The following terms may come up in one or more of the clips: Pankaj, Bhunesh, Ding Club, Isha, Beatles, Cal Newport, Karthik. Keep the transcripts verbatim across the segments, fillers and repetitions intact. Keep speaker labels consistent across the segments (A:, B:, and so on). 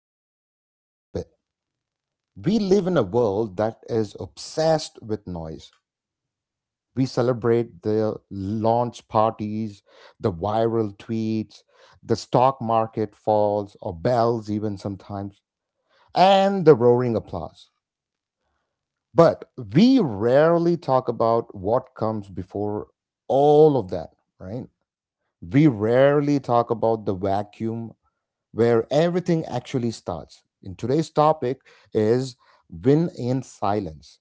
A: down a little bit. We live in a world that is obsessed with noise. We celebrate the launch parties, the viral tweets, the stock market falls, or bells, even sometimes, and the roaring applause. But we rarely talk about what comes before all of that, right? We rarely talk about the vacuum where everything actually starts. In today's topic is win in silence.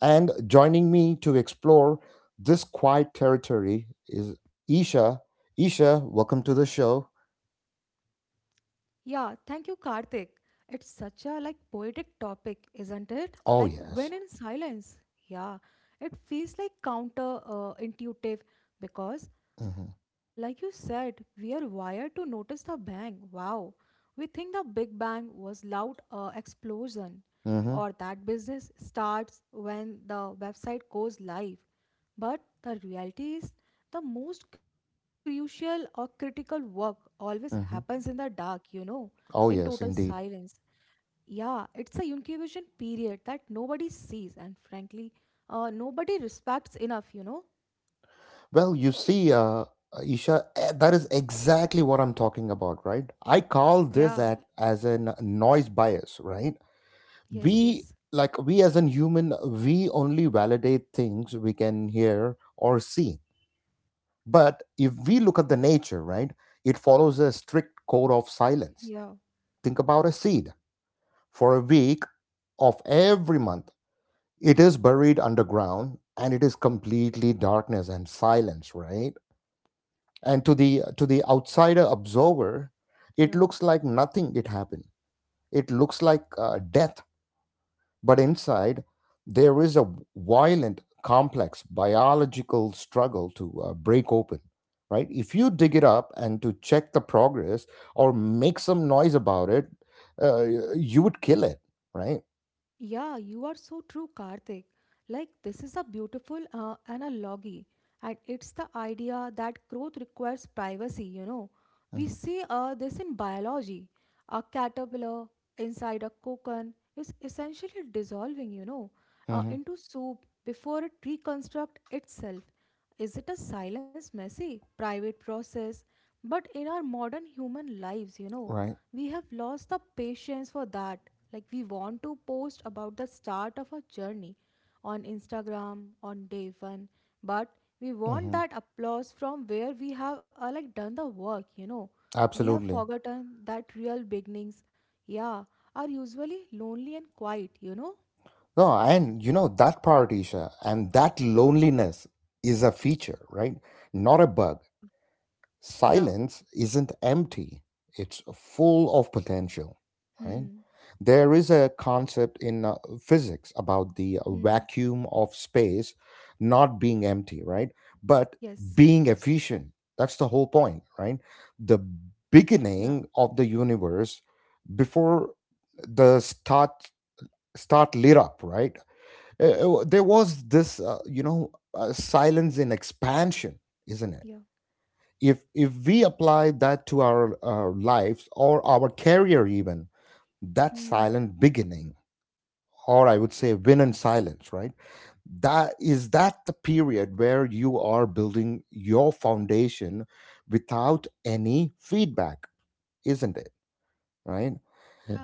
A: And joining me to explore this quiet territory is Isha. Isha, welcome to the show.
B: Yeah, thank you, Karthik. It's such a like poetic topic, isn't it? Like when
A: Oh
B: in
A: yes.
B: silence. Yeah, it feels like counter uh, intuitive because, like you
A: Mhm.
B: said, we are wired to notice the bang. Wow, we think the Big Bang was loud uh, explosion, or that
A: Mhm.
B: business starts when the website goes live. But the reality is, the most crucial or critical work always happens in the
A: Mhm.
B: dark, you know, in total
A: Oh yes,
B: silence.
A: indeed.
B: Yeah, it's a incubation period that nobody sees, and frankly, uh, nobody respects enough, you know.
A: Well, you see, uh, Isha, eh, that is exactly what I'm talking about, right? I
B: Yeah,
A: call this at, as a noise bias, right?
B: yes, yes,
A: we like we as a human, we only validate things we can hear or see. But if we look at the nature, right, it follows a strict code of silence.
B: yeah,
A: Think about a seed. For a week of every month, it is buried underground, and it is completely darkness and silence, right? And to the to the outsider observer, it
B: yeah.
A: looks like nothing it happened. It looks like uh, death. But inside, there is a violent, complex biological struggle to uh, break open, right? If you dig it up and to check the progress or make some noise about it, uh, you would kill it, right?
B: Yeah, you are so true, Karthik. Like, this is a beautiful uh, analogy, and it's the idea that growth requires privacy. You know, we
A: Hmm.
B: see uh, this in biology. A caterpillar inside a cocoon is essentially dissolving, you know, uh,
A: Hmm.
B: into soup before it reconstructs itself. Is it a silence, messy, private process? But in our modern human lives, you know,
A: Right.
B: we have lost the patience for that. Like we want to post about the start of our journey on Instagram on day one, but we want
A: Hmm.
B: that applause from where we have uh, like done the work, you know. We have
A: Absolutely.
B: forgotten that real beginnings, yeah, are usually lonely and quiet, you know.
A: No, and you know, that part, Isha, and that loneliness is a feature, right? Not a bug.
B: Yeah, yeah.
A: Silence isn't empty, it's full of potential, right?
B: Hmm.
A: There is a concept in uh, physics about the
B: Hmm.
A: vacuum of space not being empty, right? But
B: Yes.
A: being efficient. That's the whole point, right? The
B: Yeah.
A: beginning of the universe, before the start start lit up, right? Uh, uh, there was this uh, you know uh, silence in expansion, isn't it?
B: Yeah.
A: If if we apply that to our uh, lives or our career, even that
B: Hmm.
A: silent beginning, or I would say win in silence, right, that is that the period where you are building your foundation without any feedback, isn't it, right?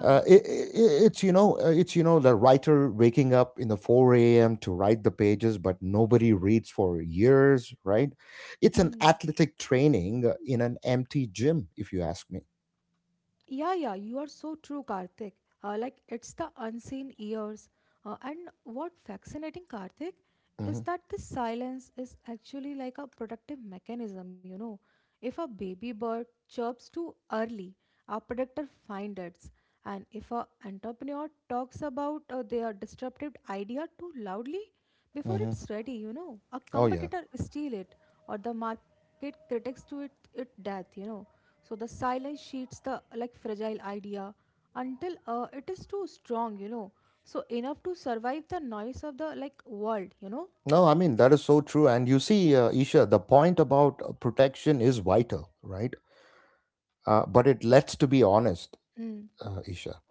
A: uh, it, it, it's you know uh, it's you know the writer waking up in the four a m to write the pages, but nobody reads for years, right? It's an
B: Hmm.
A: athletic training uh, in an empty gym, if you ask me.
B: Yeah. Yeah. You are so true, Karthik. Uh, like it's the unseen ears. Uh, and what fascinating, Karthik, is
A: Hmm.
B: that this silence is actually like a protective mechanism. You know, if a baby bird chirps too early, a predator finds it. And if an entrepreneur talks about uh, their disruptive idea too loudly, before
A: Hmm.
B: it's ready, you know, a
A: Oh yeah.
B: competitor steal it or the market critics to it, it death, you know. So the silence sheets the like fragile idea until uh, it is too strong, you know. So enough to survive the noise of the like world, you know.
A: No, I mean that is so true. And you see, uh, Isha, the point about uh, protection is vital, right? Uh, but it
B: Yeah.
A: lets to be honest,
B: Mm.
A: uh, Isha.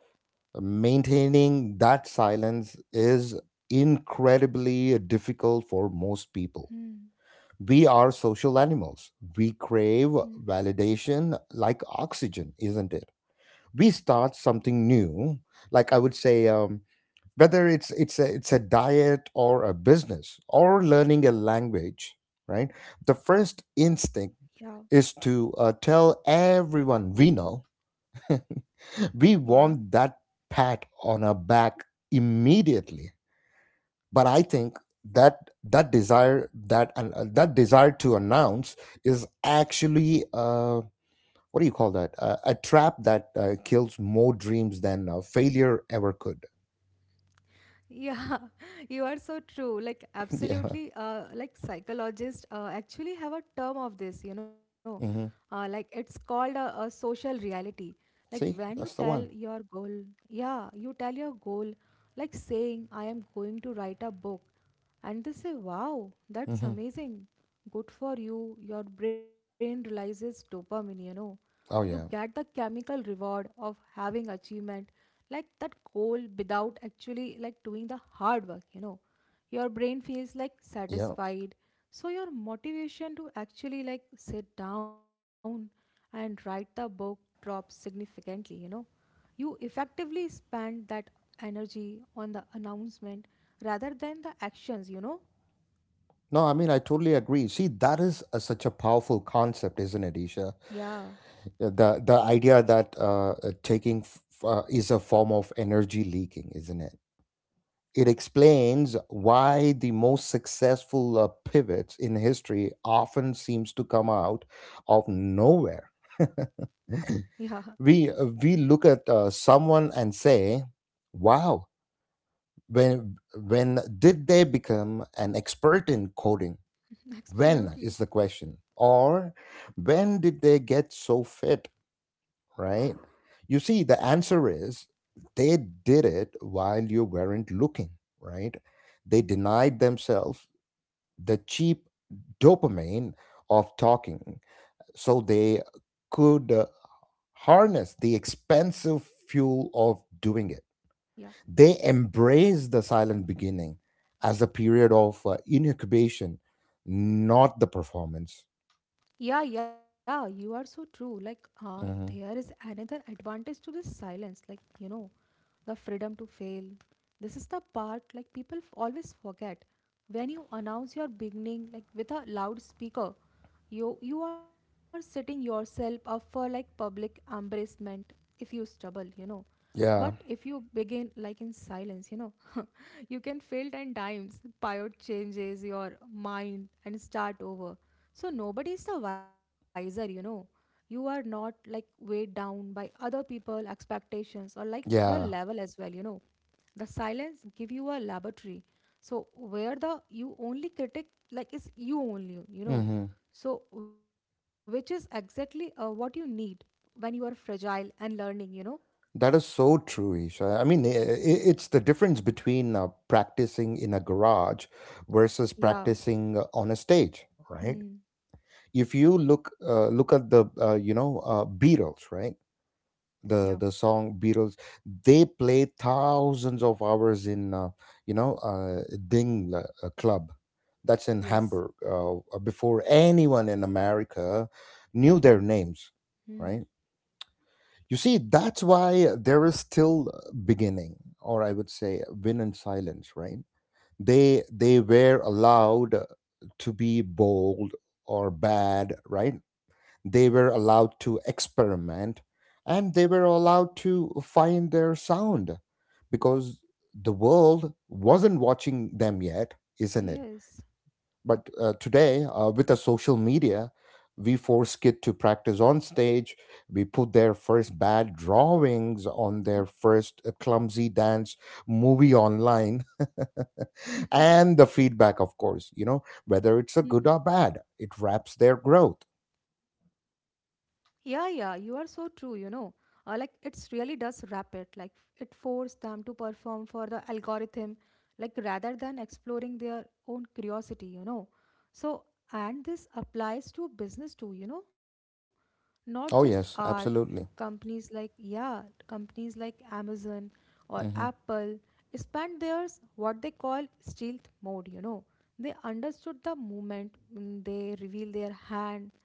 A: Maintaining that silence is incredibly difficult for most people.
B: Mm.
A: We are social animals. We
B: Mm.
A: crave validation like oxygen, isn't it? We start
B: Mm.
A: something new, like I would say, um, whether it's it's a, it's a diet or a business or learning a language, right? The first instinct
B: Yeah.
A: is to uh, tell everyone we know. We
B: Yeah.
A: want that pat on our back immediately. But I think that that desire, that and uh, that desire to announce is actually uh what do you call that, uh, a trap that uh, kills more dreams than uh, failure ever could.
B: Yeah, you are so true. Like
A: Yeah.
B: absolutely, uh, like psychologists uh, actually have a term of this, you know, uh,
A: Hmm.
B: like it's called a, a social reality. Like when you
A: See,
B: tell
A: that's the one.
B: your goal, yeah, you tell your goal, like saying, I am going to write a book. And they say, wow, that's
A: Hmm.
B: amazing. Good for you. Your brain realizes dopamine, you know. You
A: Oh
B: get the
A: yeah.
B: chemical reward of having achievement like that goal without actually like doing the hard work, you know. Your brain feels like
A: Yeah.
B: satisfied. So your motivation to actually like sit down and write the book drops significantly, you know. You effectively spend that energy on the announcement rather than the actions, you know?
A: No, I mean I totally agree. See, that is a, such a powerful concept, isn't it, Isha?
B: Yeah,
A: Yeah, the the idea that uh, uh, taking f- uh, is a form of energy leaking, isn't it?
B: yeah,
A: It explains why the most successful uh, pivots in history often seems to come out of nowhere.
B: yeah,
A: We uh, we look at uh, someone and say, "Wow, when when did they become an expert in coding?" When
B: absolutely.
A: is the question, or when did they get so fit? Right? You see, the answer is they did it while you weren't looking. Right? They denied themselves the cheap dopamine of talking, so they could uh, harness the expensive fuel of doing it.
B: Yeah.
A: They embrace the silent beginning as a period of uh, incubation, not the performance.
B: Yeah, yeah, you are so true. Like, uh, there is
A: Mhm.
B: another advantage to this silence, like, you know, the freedom to fail. This is the part, like, people f- always forget. When you announce your beginning, like, with a loudspeaker, you, you are setting yourself up for, like, public embarrassment if you stumble, you know. But if
A: Yeah,
B: you begin like in silence, you know, you can fail ten times, pivot changes your mind and start over. So nobody is the wiser, you know. You are not like weighed down by other people expectations or like their level
A: yeah.
B: as well, you know. The silence give you a laboratory. So where the you only critic like is you only, you know.
A: Mhm.
B: So which is exactly uh, what you need when you are fragile and learning, you know.
A: That is so true, Isha. I mean, i i- it's the difference between uh, practicing in a garage versus
B: Yeah.
A: practicing uh, on a stage, right?
B: Mm.
A: If you look uh, look at the uh, you know uh, Beatles, right?
B: Yeah.
A: The the song Beatles, they played thousands of hours in uh, you know uh, Ding uh, uh, Club, that's in
B: Yes.
A: Hamburg, uh, uh, before anyone in America knew their
B: Mm.
A: names, right? You see, that's why there is still beginning, or I would say, win in silence, right? They they were allowed to be bold or bad, right? They were
B: Yeah.
A: allowed to experiment, and they were allowed to find their sound because the world wasn't watching them yet, isn't it?
B: Yes.
A: But uh, today, uh, with the social media, we force kids to practice on stage. We put their first bad drawings on their first uh, clumsy dance movie online. And the feedback, of course, you know, whether it's a good
B: Mm.
A: or bad, it wraps their growth.
B: Yeah, yeah, you are so true, you know. Uh, like it's really does wrap it. Like it forced them to perform for the algorithm, like rather than exploring their own curiosity, you know. So, and this applies to business too, you know, not just
A: Oh
B: art.
A: yes, absolutely.
B: Companies like, yeah, companies like Amazon or
A: Mm-hmm.
B: Apple expand theirs what they call stealth mode, you know. They understood the movement, mm, they reveal their hand,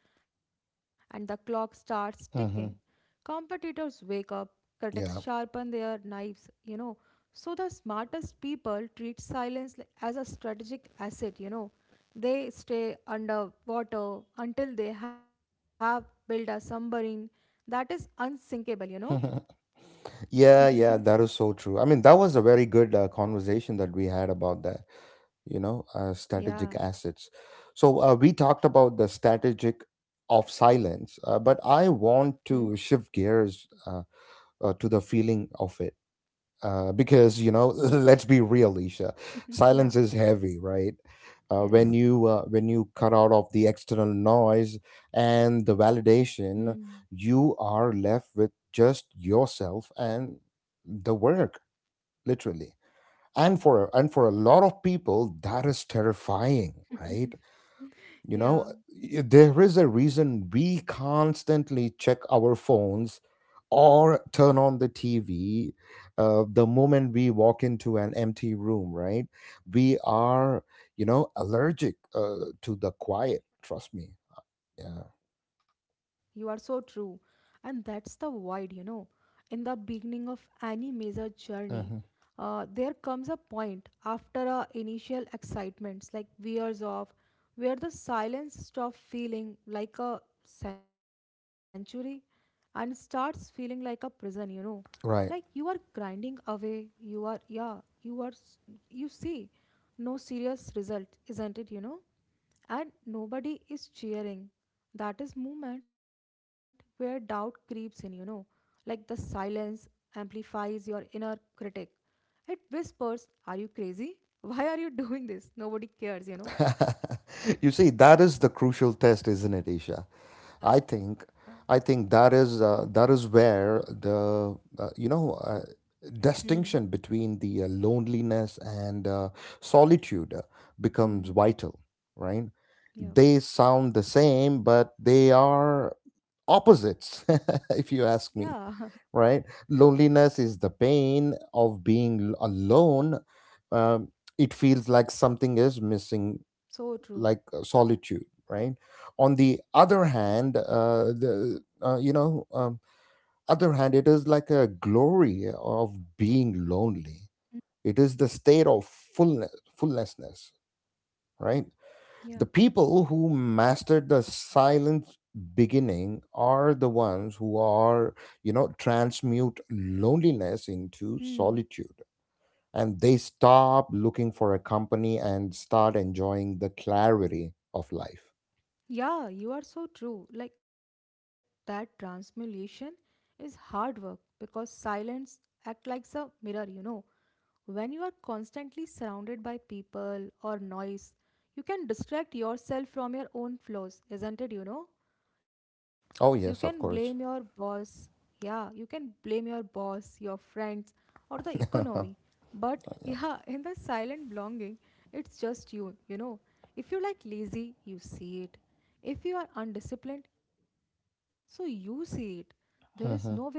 B: and the clock starts ticking.
A: Mm-hmm.
B: Competitors wake up, critics
A: Yeah.
B: sharpen their knives, you know. So the smartest people treat silence li- as a strategic asset, you know they stay underwater until they have built a submarine that is unsinkable, you know?
A: Yeah, yeah, that is so true. I mean, that was a very good uh, conversation that we had about that, you know, uh, strategic
B: Yeah.
A: assets. So uh, we talked about the strategic of silence, uh, but
B: Hmm.
A: I want to shift gears uh, uh, to the feeling of it. Uh, because you know, let's be real, Isha,
B: Yeah,
A: silence is heavy, right? uh,
B: yes.
A: when you uh, when you cut out of the external noise and the
B: Hmm.
A: validation, you are left with just yourself and the work, literally. And for and for a lot of people, that is terrifying, right? You know,
B: Yeah,
A: y- there is a reason we constantly check our phones or turn on the T V, uh, the moment we walk into an empty room, right? We are, you know, allergic uh, to the quiet, trust me. Yeah.
B: yes. You are so true. And that's the void, you know. In the beginning of any major journey,
A: Hmm.
B: uh, there comes a point after our initial excitements, like wears off, where the silence stops feeling like a sanctuary and starts feeling like a prison, you know. Like you are
A: Right.
B: grinding away, you are, yeah, you are, s- you see, no serious result, isn't it, you know? And nobody is cheering. That is moment where doubt creeps in, you know, like the silence amplifies your inner critic. It whispers, are you crazy? Why are you doing this? Nobody cares, you know.
A: You see, that is the crucial test, isn't it, Isha?
B: Yeah.
A: I think, I think that is uh, that is where the uh, you know uh,
B: Hmm.
A: distinction between the uh, loneliness and uh, solitude uh, becomes
B: Hmm.
A: vital, right?
B: Yeah.
A: They sound the same, but they are opposites, if you
B: Yeah.
A: ask me, right? Loneliness is the pain of being l- alone. Um, it feels like something is missing,
B: so true.
A: like uh, solitude. Right? On the other hand, uh, the uh, you know um, other hand it is like a glory of being
B: Mm.
A: lonely. It is the state of fullness fullnessness, right?
B: Yeah.
A: The people who mastered the silent beginning are the ones who are you know transmute loneliness into
B: Hmm.
A: solitude, and they stop looking for a company and start enjoying the clarity of life.
B: Yeah, you are so true. Like that transmutation is hard work because silence act like a mirror, you know. When you are constantly surrounded by people or noise, you can distract yourself from your own flaws, isn't it? You know? You can blame
A: Oh
B: your
A: yes, of course.
B: boss. Yeah, you can blame your boss, your friends, or the economy. But yeah, in the silent belonging, it's just you, you know. If you like lazy, you see it. If you are undisciplined, so you see it. There is nowhere to
A: Mhm.
B: hide.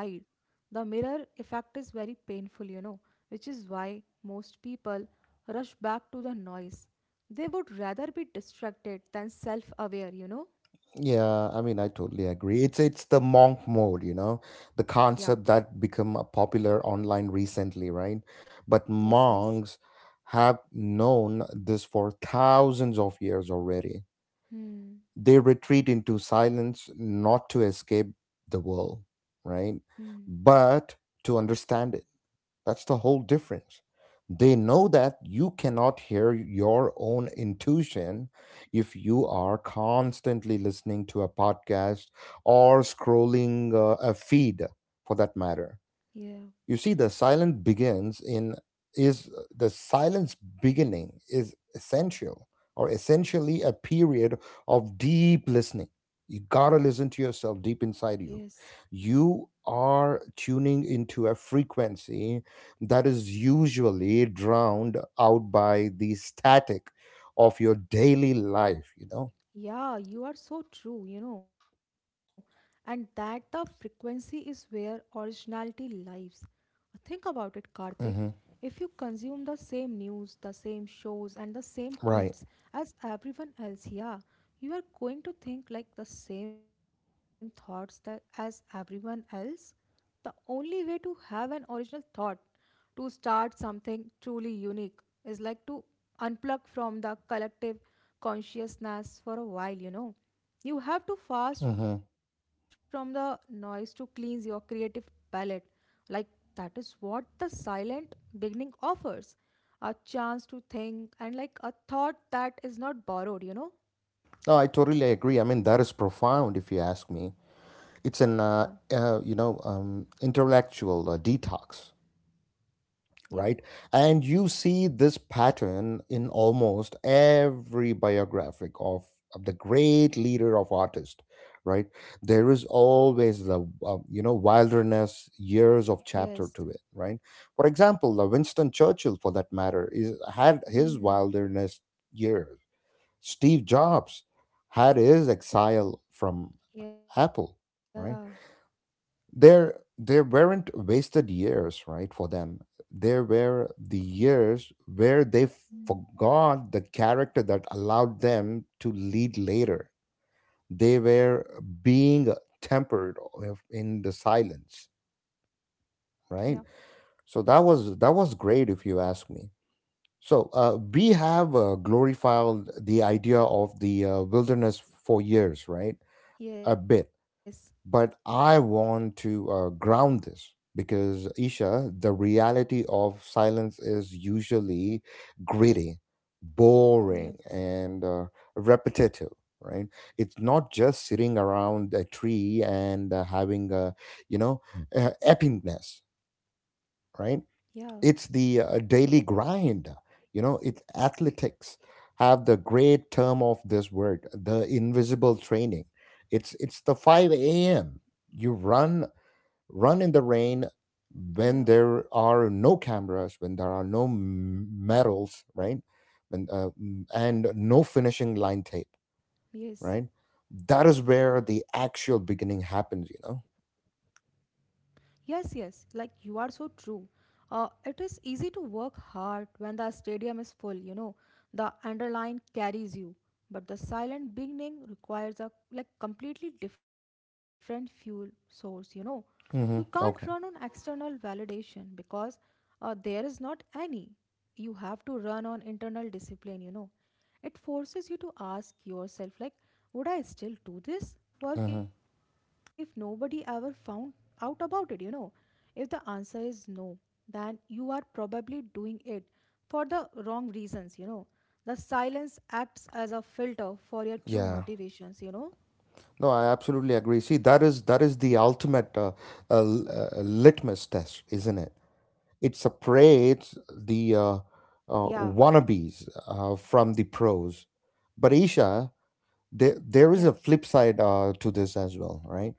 B: The mirror effect is very painful, you know, which is why most people rush back to the noise. They would rather be distracted than self aware, you know?
A: Yeah, I mean, I totally agree. It's it's the monk mode, you know,
B: Yeah.
A: the concept that become uh, popular online recently, right? But
B: Yes, yes.
A: monks have known this for thousands of years already.
B: Hmm.
A: They retreat into silence not to escape the world, right?
B: Hmm.
A: But to understand it. That's the whole difference. They know that you cannot hear your own intuition if you are constantly listening to a podcast or scrolling uh, a feed, for that matter.
B: Yeah.
A: You see, the silence begins in is uh, the silence beginning is essential or essentially a period of deep listening. You gotta listen to yourself
B: Yes.
A: deep inside you. You are tuning into a frequency that is usually drowned out by the static of your daily life, you know.
B: Yeah, you are so true, you know. And that the frequency is where originality lives. Think about it, Karthik. If you
A: Hmm.
B: consume the same news, the same shows, and the same tweets
A: Right.
B: as everyone else, yeah, you are going to think like the same thoughts that as everyone else. The only way to have an original thought to start something truly unique is like to unplug from the collective consciousness for a while, you know. You have to fast from
A: Hmm.
B: the noise to cleanse your creative palette. Like that is what the silent beginning offers a chance to think and like a thought that is not borrowed, you know?
A: No, I totally agree. I mean, that is profound, if you ask me. It's an
B: Yeah,
A: uh, uh, you know um, intellectual uh, detox,
B: yeah,
A: right? And you see this pattern in almost every biographic of, of the great leader of artist, right? There is always the uh, you know wilderness years of chapter
B: yes.
A: to it, right? For example, the Winston Churchill for that matter is had his
B: Mm,
A: wilderness years. Steve Jobs had his exile from
B: yeah,
A: Apple, right? There there weren't wasted years, right, for them. There were the years where they
B: mm,
A: forgot the character that allowed them to lead later. They were being tempered of- in the silence,
B: yeah,
A: right? So that was that was great, if you ask me. So uh, we have uh, glorified the idea of the uh, wilderness for years, right? A
B: yes,
A: bit. But I want to uh, ground this because Isha, the reality of silence is usually gritty, boring,
B: yes,
A: and uh, repetitive. Right? It's not just sitting around a tree and uh, having a, you know, uh, epicness.
B: yeah,
A: Right? It's the uh, daily grind, you know. It's athletics have the great term of this word, the invisible training. It's it's the five a m, you run run in the rain
B: yeah,
A: when there are no cameras, when there are no m- medals, right? When uh, mm, and no finishing line tape,
B: yes.
A: right? That is where the actual beginning happens, you know.
B: Yes, yes, like you are so true. Uh, it is easy to work hard when the stadium is full, you know, the underline carries you. But the silent beginning requires a like completely different fuel source, you know. You can't run
A: Hmm.
B: on
A: Okay.
B: external validation because uh, there is not any. You have to run on internal discipline, you know. It forces you to ask yourself, like, would I still do this work if
A: Hmm.
B: nobody ever found out about it? You know, if the answer is no, then you are probably doing it for the wrong reasons. You know, the silence acts as a filter for your true
A: Yeah.
B: motivations. You know,
A: No, I absolutely agree. See, that is that is the ultimate uh, uh, l- uh, litmus test, isn't it? It separates the uh, uh,
B: yeah,
A: wannabes uh, from the pros. But Isha, there there is
B: yeah,
A: a flip side uh, to this as well, right?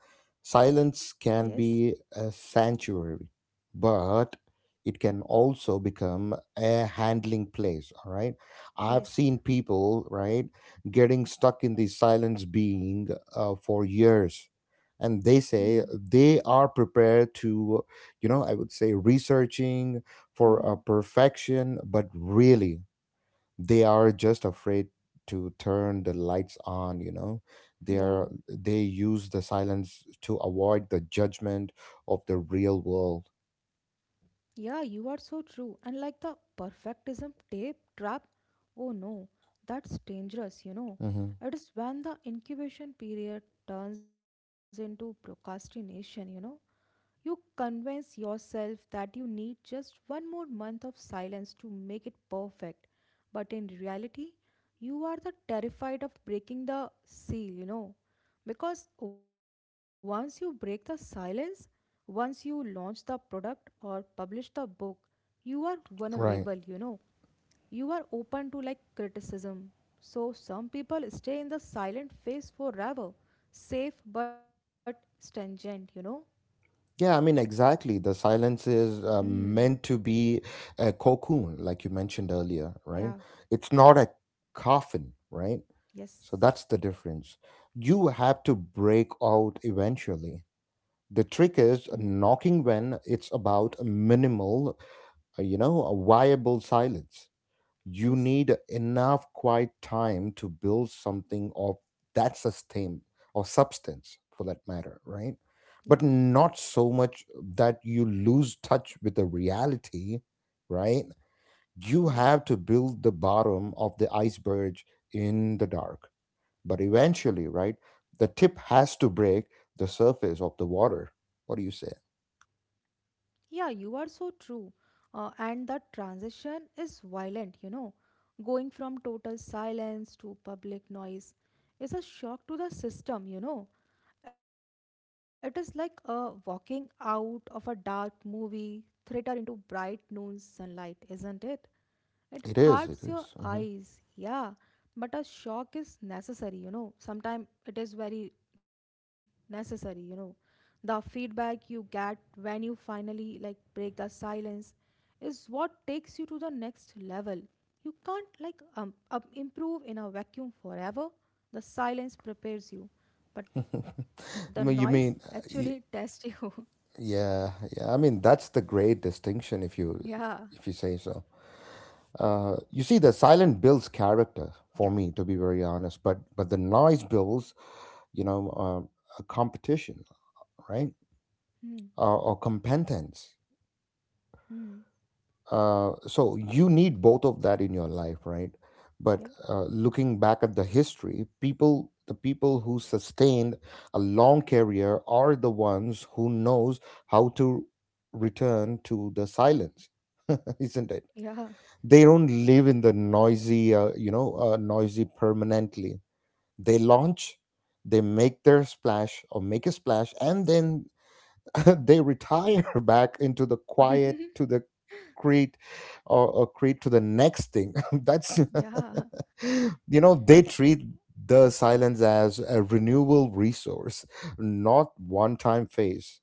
B: yes,
A: Silence can be a sanctuary, but it can also become a handling place, all right. I've
B: yes,
A: seen people, right, getting stuck in the silence being uh, for years, and they
B: hmm,
A: say they are prepared to, you know I would say, researching for
B: hmm,
A: uh, perfection, but really they are just afraid to turn the lights on you know They are
B: yeah.
A: they use the silence to avoid the judgment of the real world.
B: Yeah, you are so true. And like the perfectism tape trap, oh no, that's dangerous, you know.
A: Hmm.
B: It is when the incubation period turns into procrastination, you know. You convince yourself that you need just one more month of silence to make it perfect, but in reality, you are the terrified of breaking the seal, you know. Because once you break the silence, once you launch the product or publish the book, you are vulnerable, you
A: Right.
B: know. You are open to like criticism. So some people stay in the silent phase forever, safe but stringent, you know.
A: Yeah, I mean, exactly. The silence is uh,
B: Hmm.
A: meant to be a cocoon, like you mentioned earlier, right?
B: Yeah,
A: It's not a coffin, right? So that's the
B: yes.
A: difference. You have to break out eventually. The trick
B: Mm.
A: is knocking when it's about minimal uh, you know, a viable silence. You need
B: Yes.
A: enough quiet time to build something of that sustain or substance for that matter, right?
B: Yeah,
A: But not so much that you lose touch with the reality, right? You have to
B: yeah.
A: build the bottom of the iceberg in the dark. But eventually, right, the tip has to break the surface of the water. What do you say?
B: Yeah, you are so true. Uh, and the transition is violent, you know. Going from total silence to public noise is a shock to the system, you know. It is like uh, walking out of a dark movie theater into bright noon sunlight, isn't it?
A: It
B: It
A: is, it is.
B: hurts your
A: Mhm.
B: eyes, yeah, but a shock is necessary, you know. Sometimes it is very necessary, you know. The feedback you get when you finally like break the silence is what takes you to the next level. You can't like um, up improve in a vacuum forever. The silence prepares you, but the
A: No, You
B: noise
A: mean, uh,
B: actually
A: y-
B: tests you.
A: Yeah, yeah. I mean, that's the great distinction if you if you
B: yeah,
A: say so. Uh, you see, the silent builds character for me, to be very
B: yeah.
A: honest. But but the noise builds, you know, uh, a competition, right?
B: Hmm.
A: Uh, or competence.
B: Hmm.
A: Uh, so you need both of that in your life, right? But uh,
B: Yeah.
A: looking back at the history, people, the people who sustained a long career are the ones who knows how to return to the silence, isn't it? They
B: Yeah.
A: don't live in the noisy, uh, you know, uh, noisy permanently. They launch, they make their splash or make a splash, and then they retire back into the quiet to the create or, or create to the next thing. That's
B: yeah.
A: you know they treat the silence as a renewable resource, not one-time phase.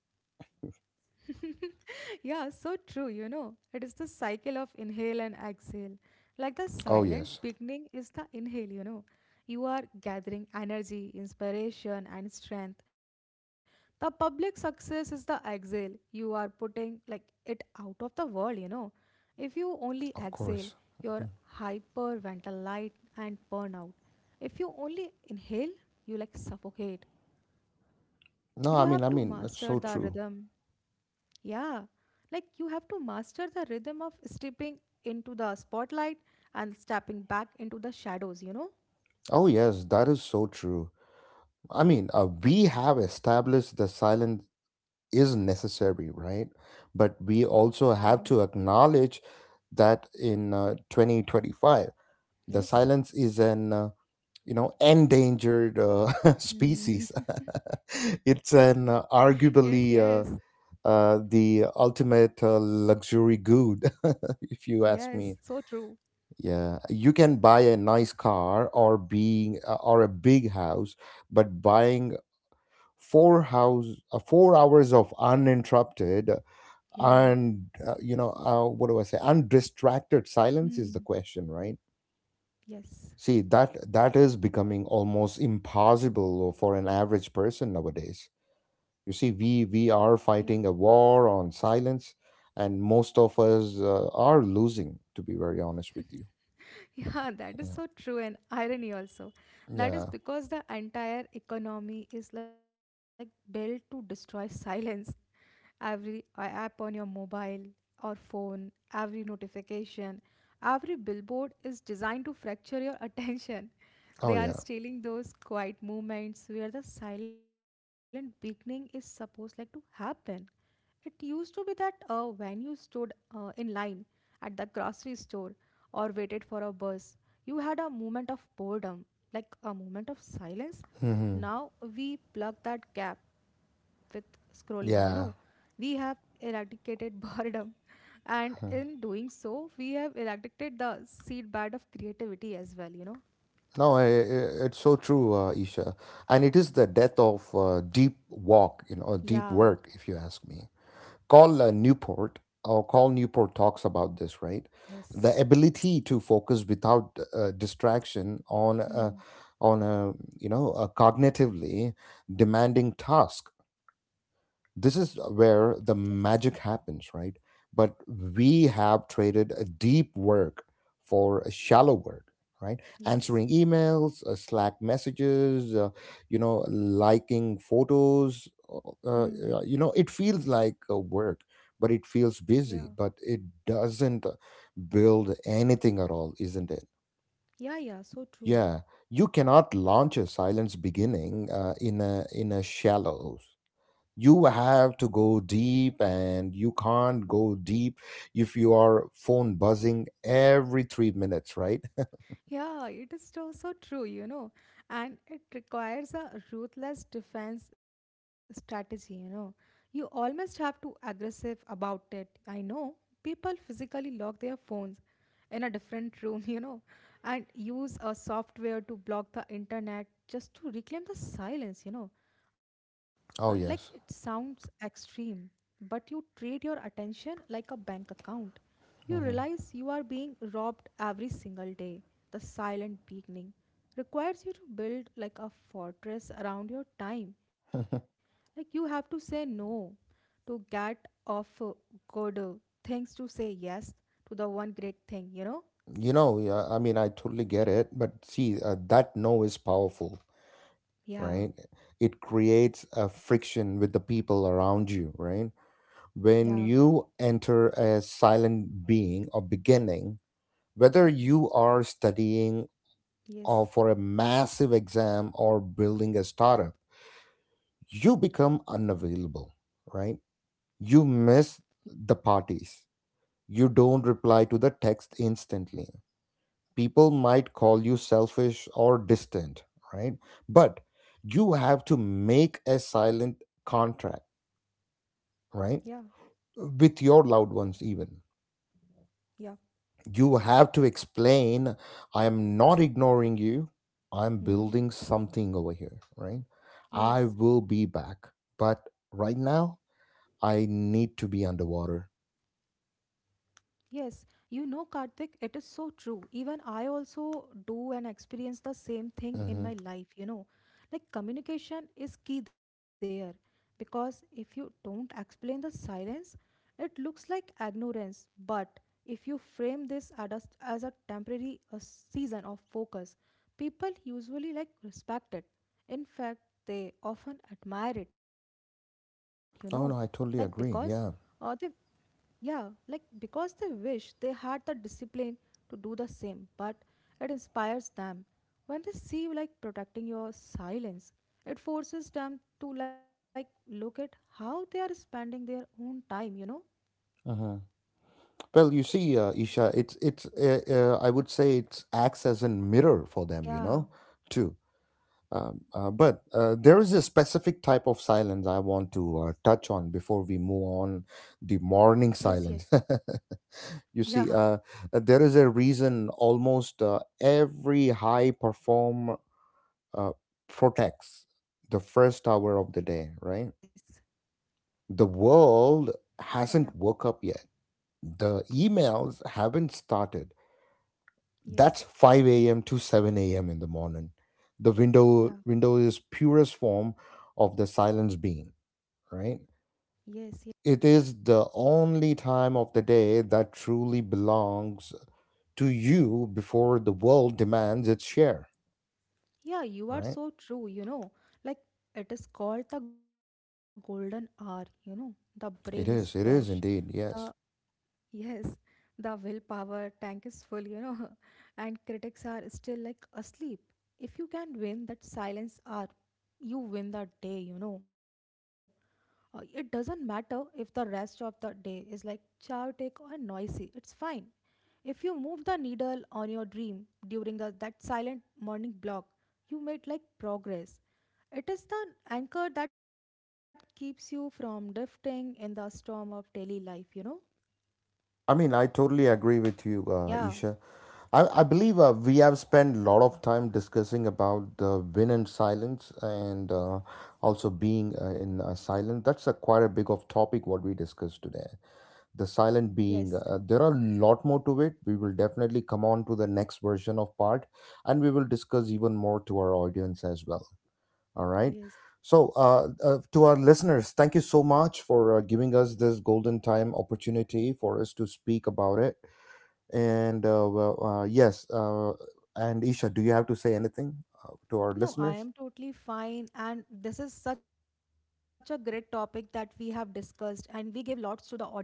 B: yeah, so true, you know. It is the cycle of inhale and exhale. Like the
A: Oh yes,
B: silent beginning is the inhale, you know. You are gathering energy, inspiration, and strength. The public success is the exhale. You are putting like it out of the world, you know. If you only
A: of
B: exhale,
A: course.
B: you're hyperventilate and burn out. If you only inhale, you like suffocate. You have to
A: No,
B: master
A: I mean,
B: the
A: I mean, that's
B: rhythm
A: so true.
B: yeah, like you have to master the rhythm of stepping into the spotlight and stepping back into the shadows, you know?
A: Oh yes, that is so true. I mean, uh, we have established the silence is necessary, right? But we also
B: Yeah,
A: have to acknowledge that in uh, twenty twenty-five, the
B: yes.
A: silence is an uh, you know endangered uh, species.
B: Mhm. Yes,
A: It's
B: yes,
A: an uh, arguably uh, uh, the ultimate uh, luxury good, if you
B: yes,
A: ask
B: so
A: me.
B: true.
A: Yeah, you can buy a nice car or being uh, or a big house, but buying four house uh, four hours of uninterrupted
B: Yeah.
A: and uh, you know uh, what do I say undistracted silence is the
B: Hmm.
A: question, right?
B: Yes,
A: See, that that is becoming almost impossible for an average person nowadays. You see, we
B: yeah.
A: we are fighting a war on silence, and most of us uh, are losing, to be very honest with you.
B: Yeah, that is
A: Yeah.
B: so true and irony also. That is
A: Yeah.
B: because the entire economy is like built to destroy silence. Every uh, app on your mobile or phone, every notification, every billboard is designed to fracture your attention. They
A: Oh
B: are
A: yeah.
B: stealing those quiet moments where the silent beginning is supposed like to happen. It used to be that uh, when you stood uh, in line at the grocery store or waited for a bus, you had a moment of boredom, like a moment of silence.
A: Hmm.
B: Now we plug that gap with scrolling, you know. We
A: Yeah.
B: have eradicated boredom, and in doing so, we have eradicated the seedbed of creativity as well, you know.
A: No, i- i- it's so true, uh, Isha. And it is the death of uh, deep walk, you know, or deep
B: Yeah,
A: work, if you ask me. Call uh, Newport, or Call Newport talks about this, right?
B: yes.
A: The ability to focus without uh, distraction on a,
B: Hmm.
A: on a, you know, a cognitively demanding task, this is
B: Yes,
A: where the magic happens, right? But we have traded a deep work for a shallow work, right?
B: yes.
A: Answering emails, uh, Slack messages, uh, you know, liking photos.
B: Hmm.
A: Uh, uh, you know, it feels like uh, work, but it feels
B: Yeah.
A: busy, but it doesn't uh, build anything at all, isn't it?
B: Yeah, yeah, so true.
A: Yeah, you cannot launch a silence beginning uh, in a in a shallow. You have to go deep, and you can't go deep if you are phone buzzing every three minutes, right?
B: Yeah, it is so, so true, you know, and it requires a ruthless defense strategy, you know. You almost have to aggressive about it. I know people physically lock their phones in a different room, you know, and use a software to block the internet just to reclaim the silence, you know. Uh, like it
A: Oh
B: sounds
A: yes.
B: extreme, but you treat your attention like a bank account. You realize you
A: Mhm.
B: are being robbed every single day. The silent beginning requires you to build like a fortress around your time, like you have to say no to get off uh, good uh, things, to say yes to the one great thing, you know.
A: You know, yeah, I mean, I totally get it, but see, uh, that no is powerful,
B: Yeah,
A: right? It creates a friction with the people around you, right?
B: yeah,
A: When you enter a silent being or beginning, whether you are studying or
B: yes,
A: for a massive exam or building a startup, you become unavailable, right? You miss the parties. You don't reply to the text instantly. People might call you selfish or distant, right? But you have to make a silent contract,
B: yeah,
A: right? With your loved ones, even.
B: yeah.
A: You have to explain, I am not ignoring you, I'm
B: Hmm.
A: building something over here, right? I
B: Yes.
A: will be back, but right now I need to be underwater.
B: Yes, you know, Karthik, it is so true. Even I also do and experience the same thing in my
A: Hmm.
B: life, you know. Like communication is key there, because if you don't explain the silence, it looks like ignorance. But if you frame this at a as a temporary a season of focus, people usually like respect it. In fact, they often admire it, you know, like because
A: Oh no, I
B: uh, they
A: totally agree. Yeah.
B: yeah, like because they wish they had the discipline to do the same, but it inspires them. When they see you like protecting your silence, it forces them to like look at how they are spending their own time, you know?
A: Hmm. Well, you see, uh, Isha, it's it's uh, uh, I would say it acts as a mirror for them, you
B: Yeah,
A: know, too. um, uh, but uh, there is a specific type of silence I want to uh, touch on before we move on, the
B: yes, yes,
A: morning silence.
B: yeah,
A: You see, uh, uh, there is a reason almost uh, every high perform uh, protects the first hour
B: yes,
A: of the day, right? The
B: yeah,
A: world hasn't woke up yet. The emails haven't started.
B: yes,
A: That's five a m to seven a m in the morning. The
B: yeah,
A: window window is purest form of the silence being, right?
B: yes, yes.
A: It is the only time of the day that truly belongs to you before the world demands its share,
B: Yeah, you are
A: right?
B: so true, you know. Like it is called the golden hour, you know. The brain is
A: It
B: fresh,
A: is, it is
B: the
A: indeed, yes.
B: yes, the willpower tank is full, you know, and critics are still like asleep. If you can win that silence hour, you win that day, you know. Uh, it doesn't matter if the rest of the day is like chaotic or noisy, it's fine. If you move the needle on your dream during the, that silent morning block, you made like progress. It is the anchor that keeps you from drifting in the storm of daily life, you know?
A: I mean, I totally agree with you,
B: Yeah.
A: uh, Isha. I, I believe uh, we have spent a lot of time discussing about the win and silence, and uh, also being uh, in uh, silent. That's a quite a big of topic what we discussed today. The silent being,
B: Yes,
A: uh, there are a lot more to it. We will definitely come on to the next version of part, and we will discuss even more to our audience as well. All right.
B: yes.
A: So, uh, uh, to our listeners, thank you so much for uh, giving us this golden time opportunity for us to speak about it. And uh, well, uh, yes, uh, and Isha, do you have to say anything uh, to our
B: No, I
A: listeners?
B: am totally fine. And this is such a great topic that we have discussed, and we give lots to the audience, you know.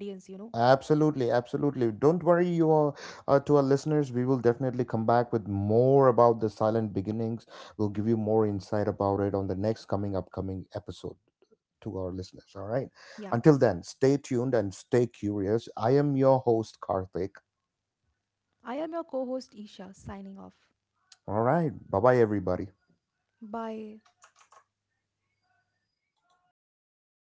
A: Absolutely, absolutely. Don't worry, you are, uh, to our listeners. We will definitely come back with more about the silent beginnings. We'll give you more insight about it on the next coming upcoming episode. To our
B: Yeah.
A: listeners. All right. Until then, stay tuned and stay curious. I am your host, Karthik.
B: I am your co host, Isha, signing off.
A: All right. Bye bye, everybody.
B: Bye.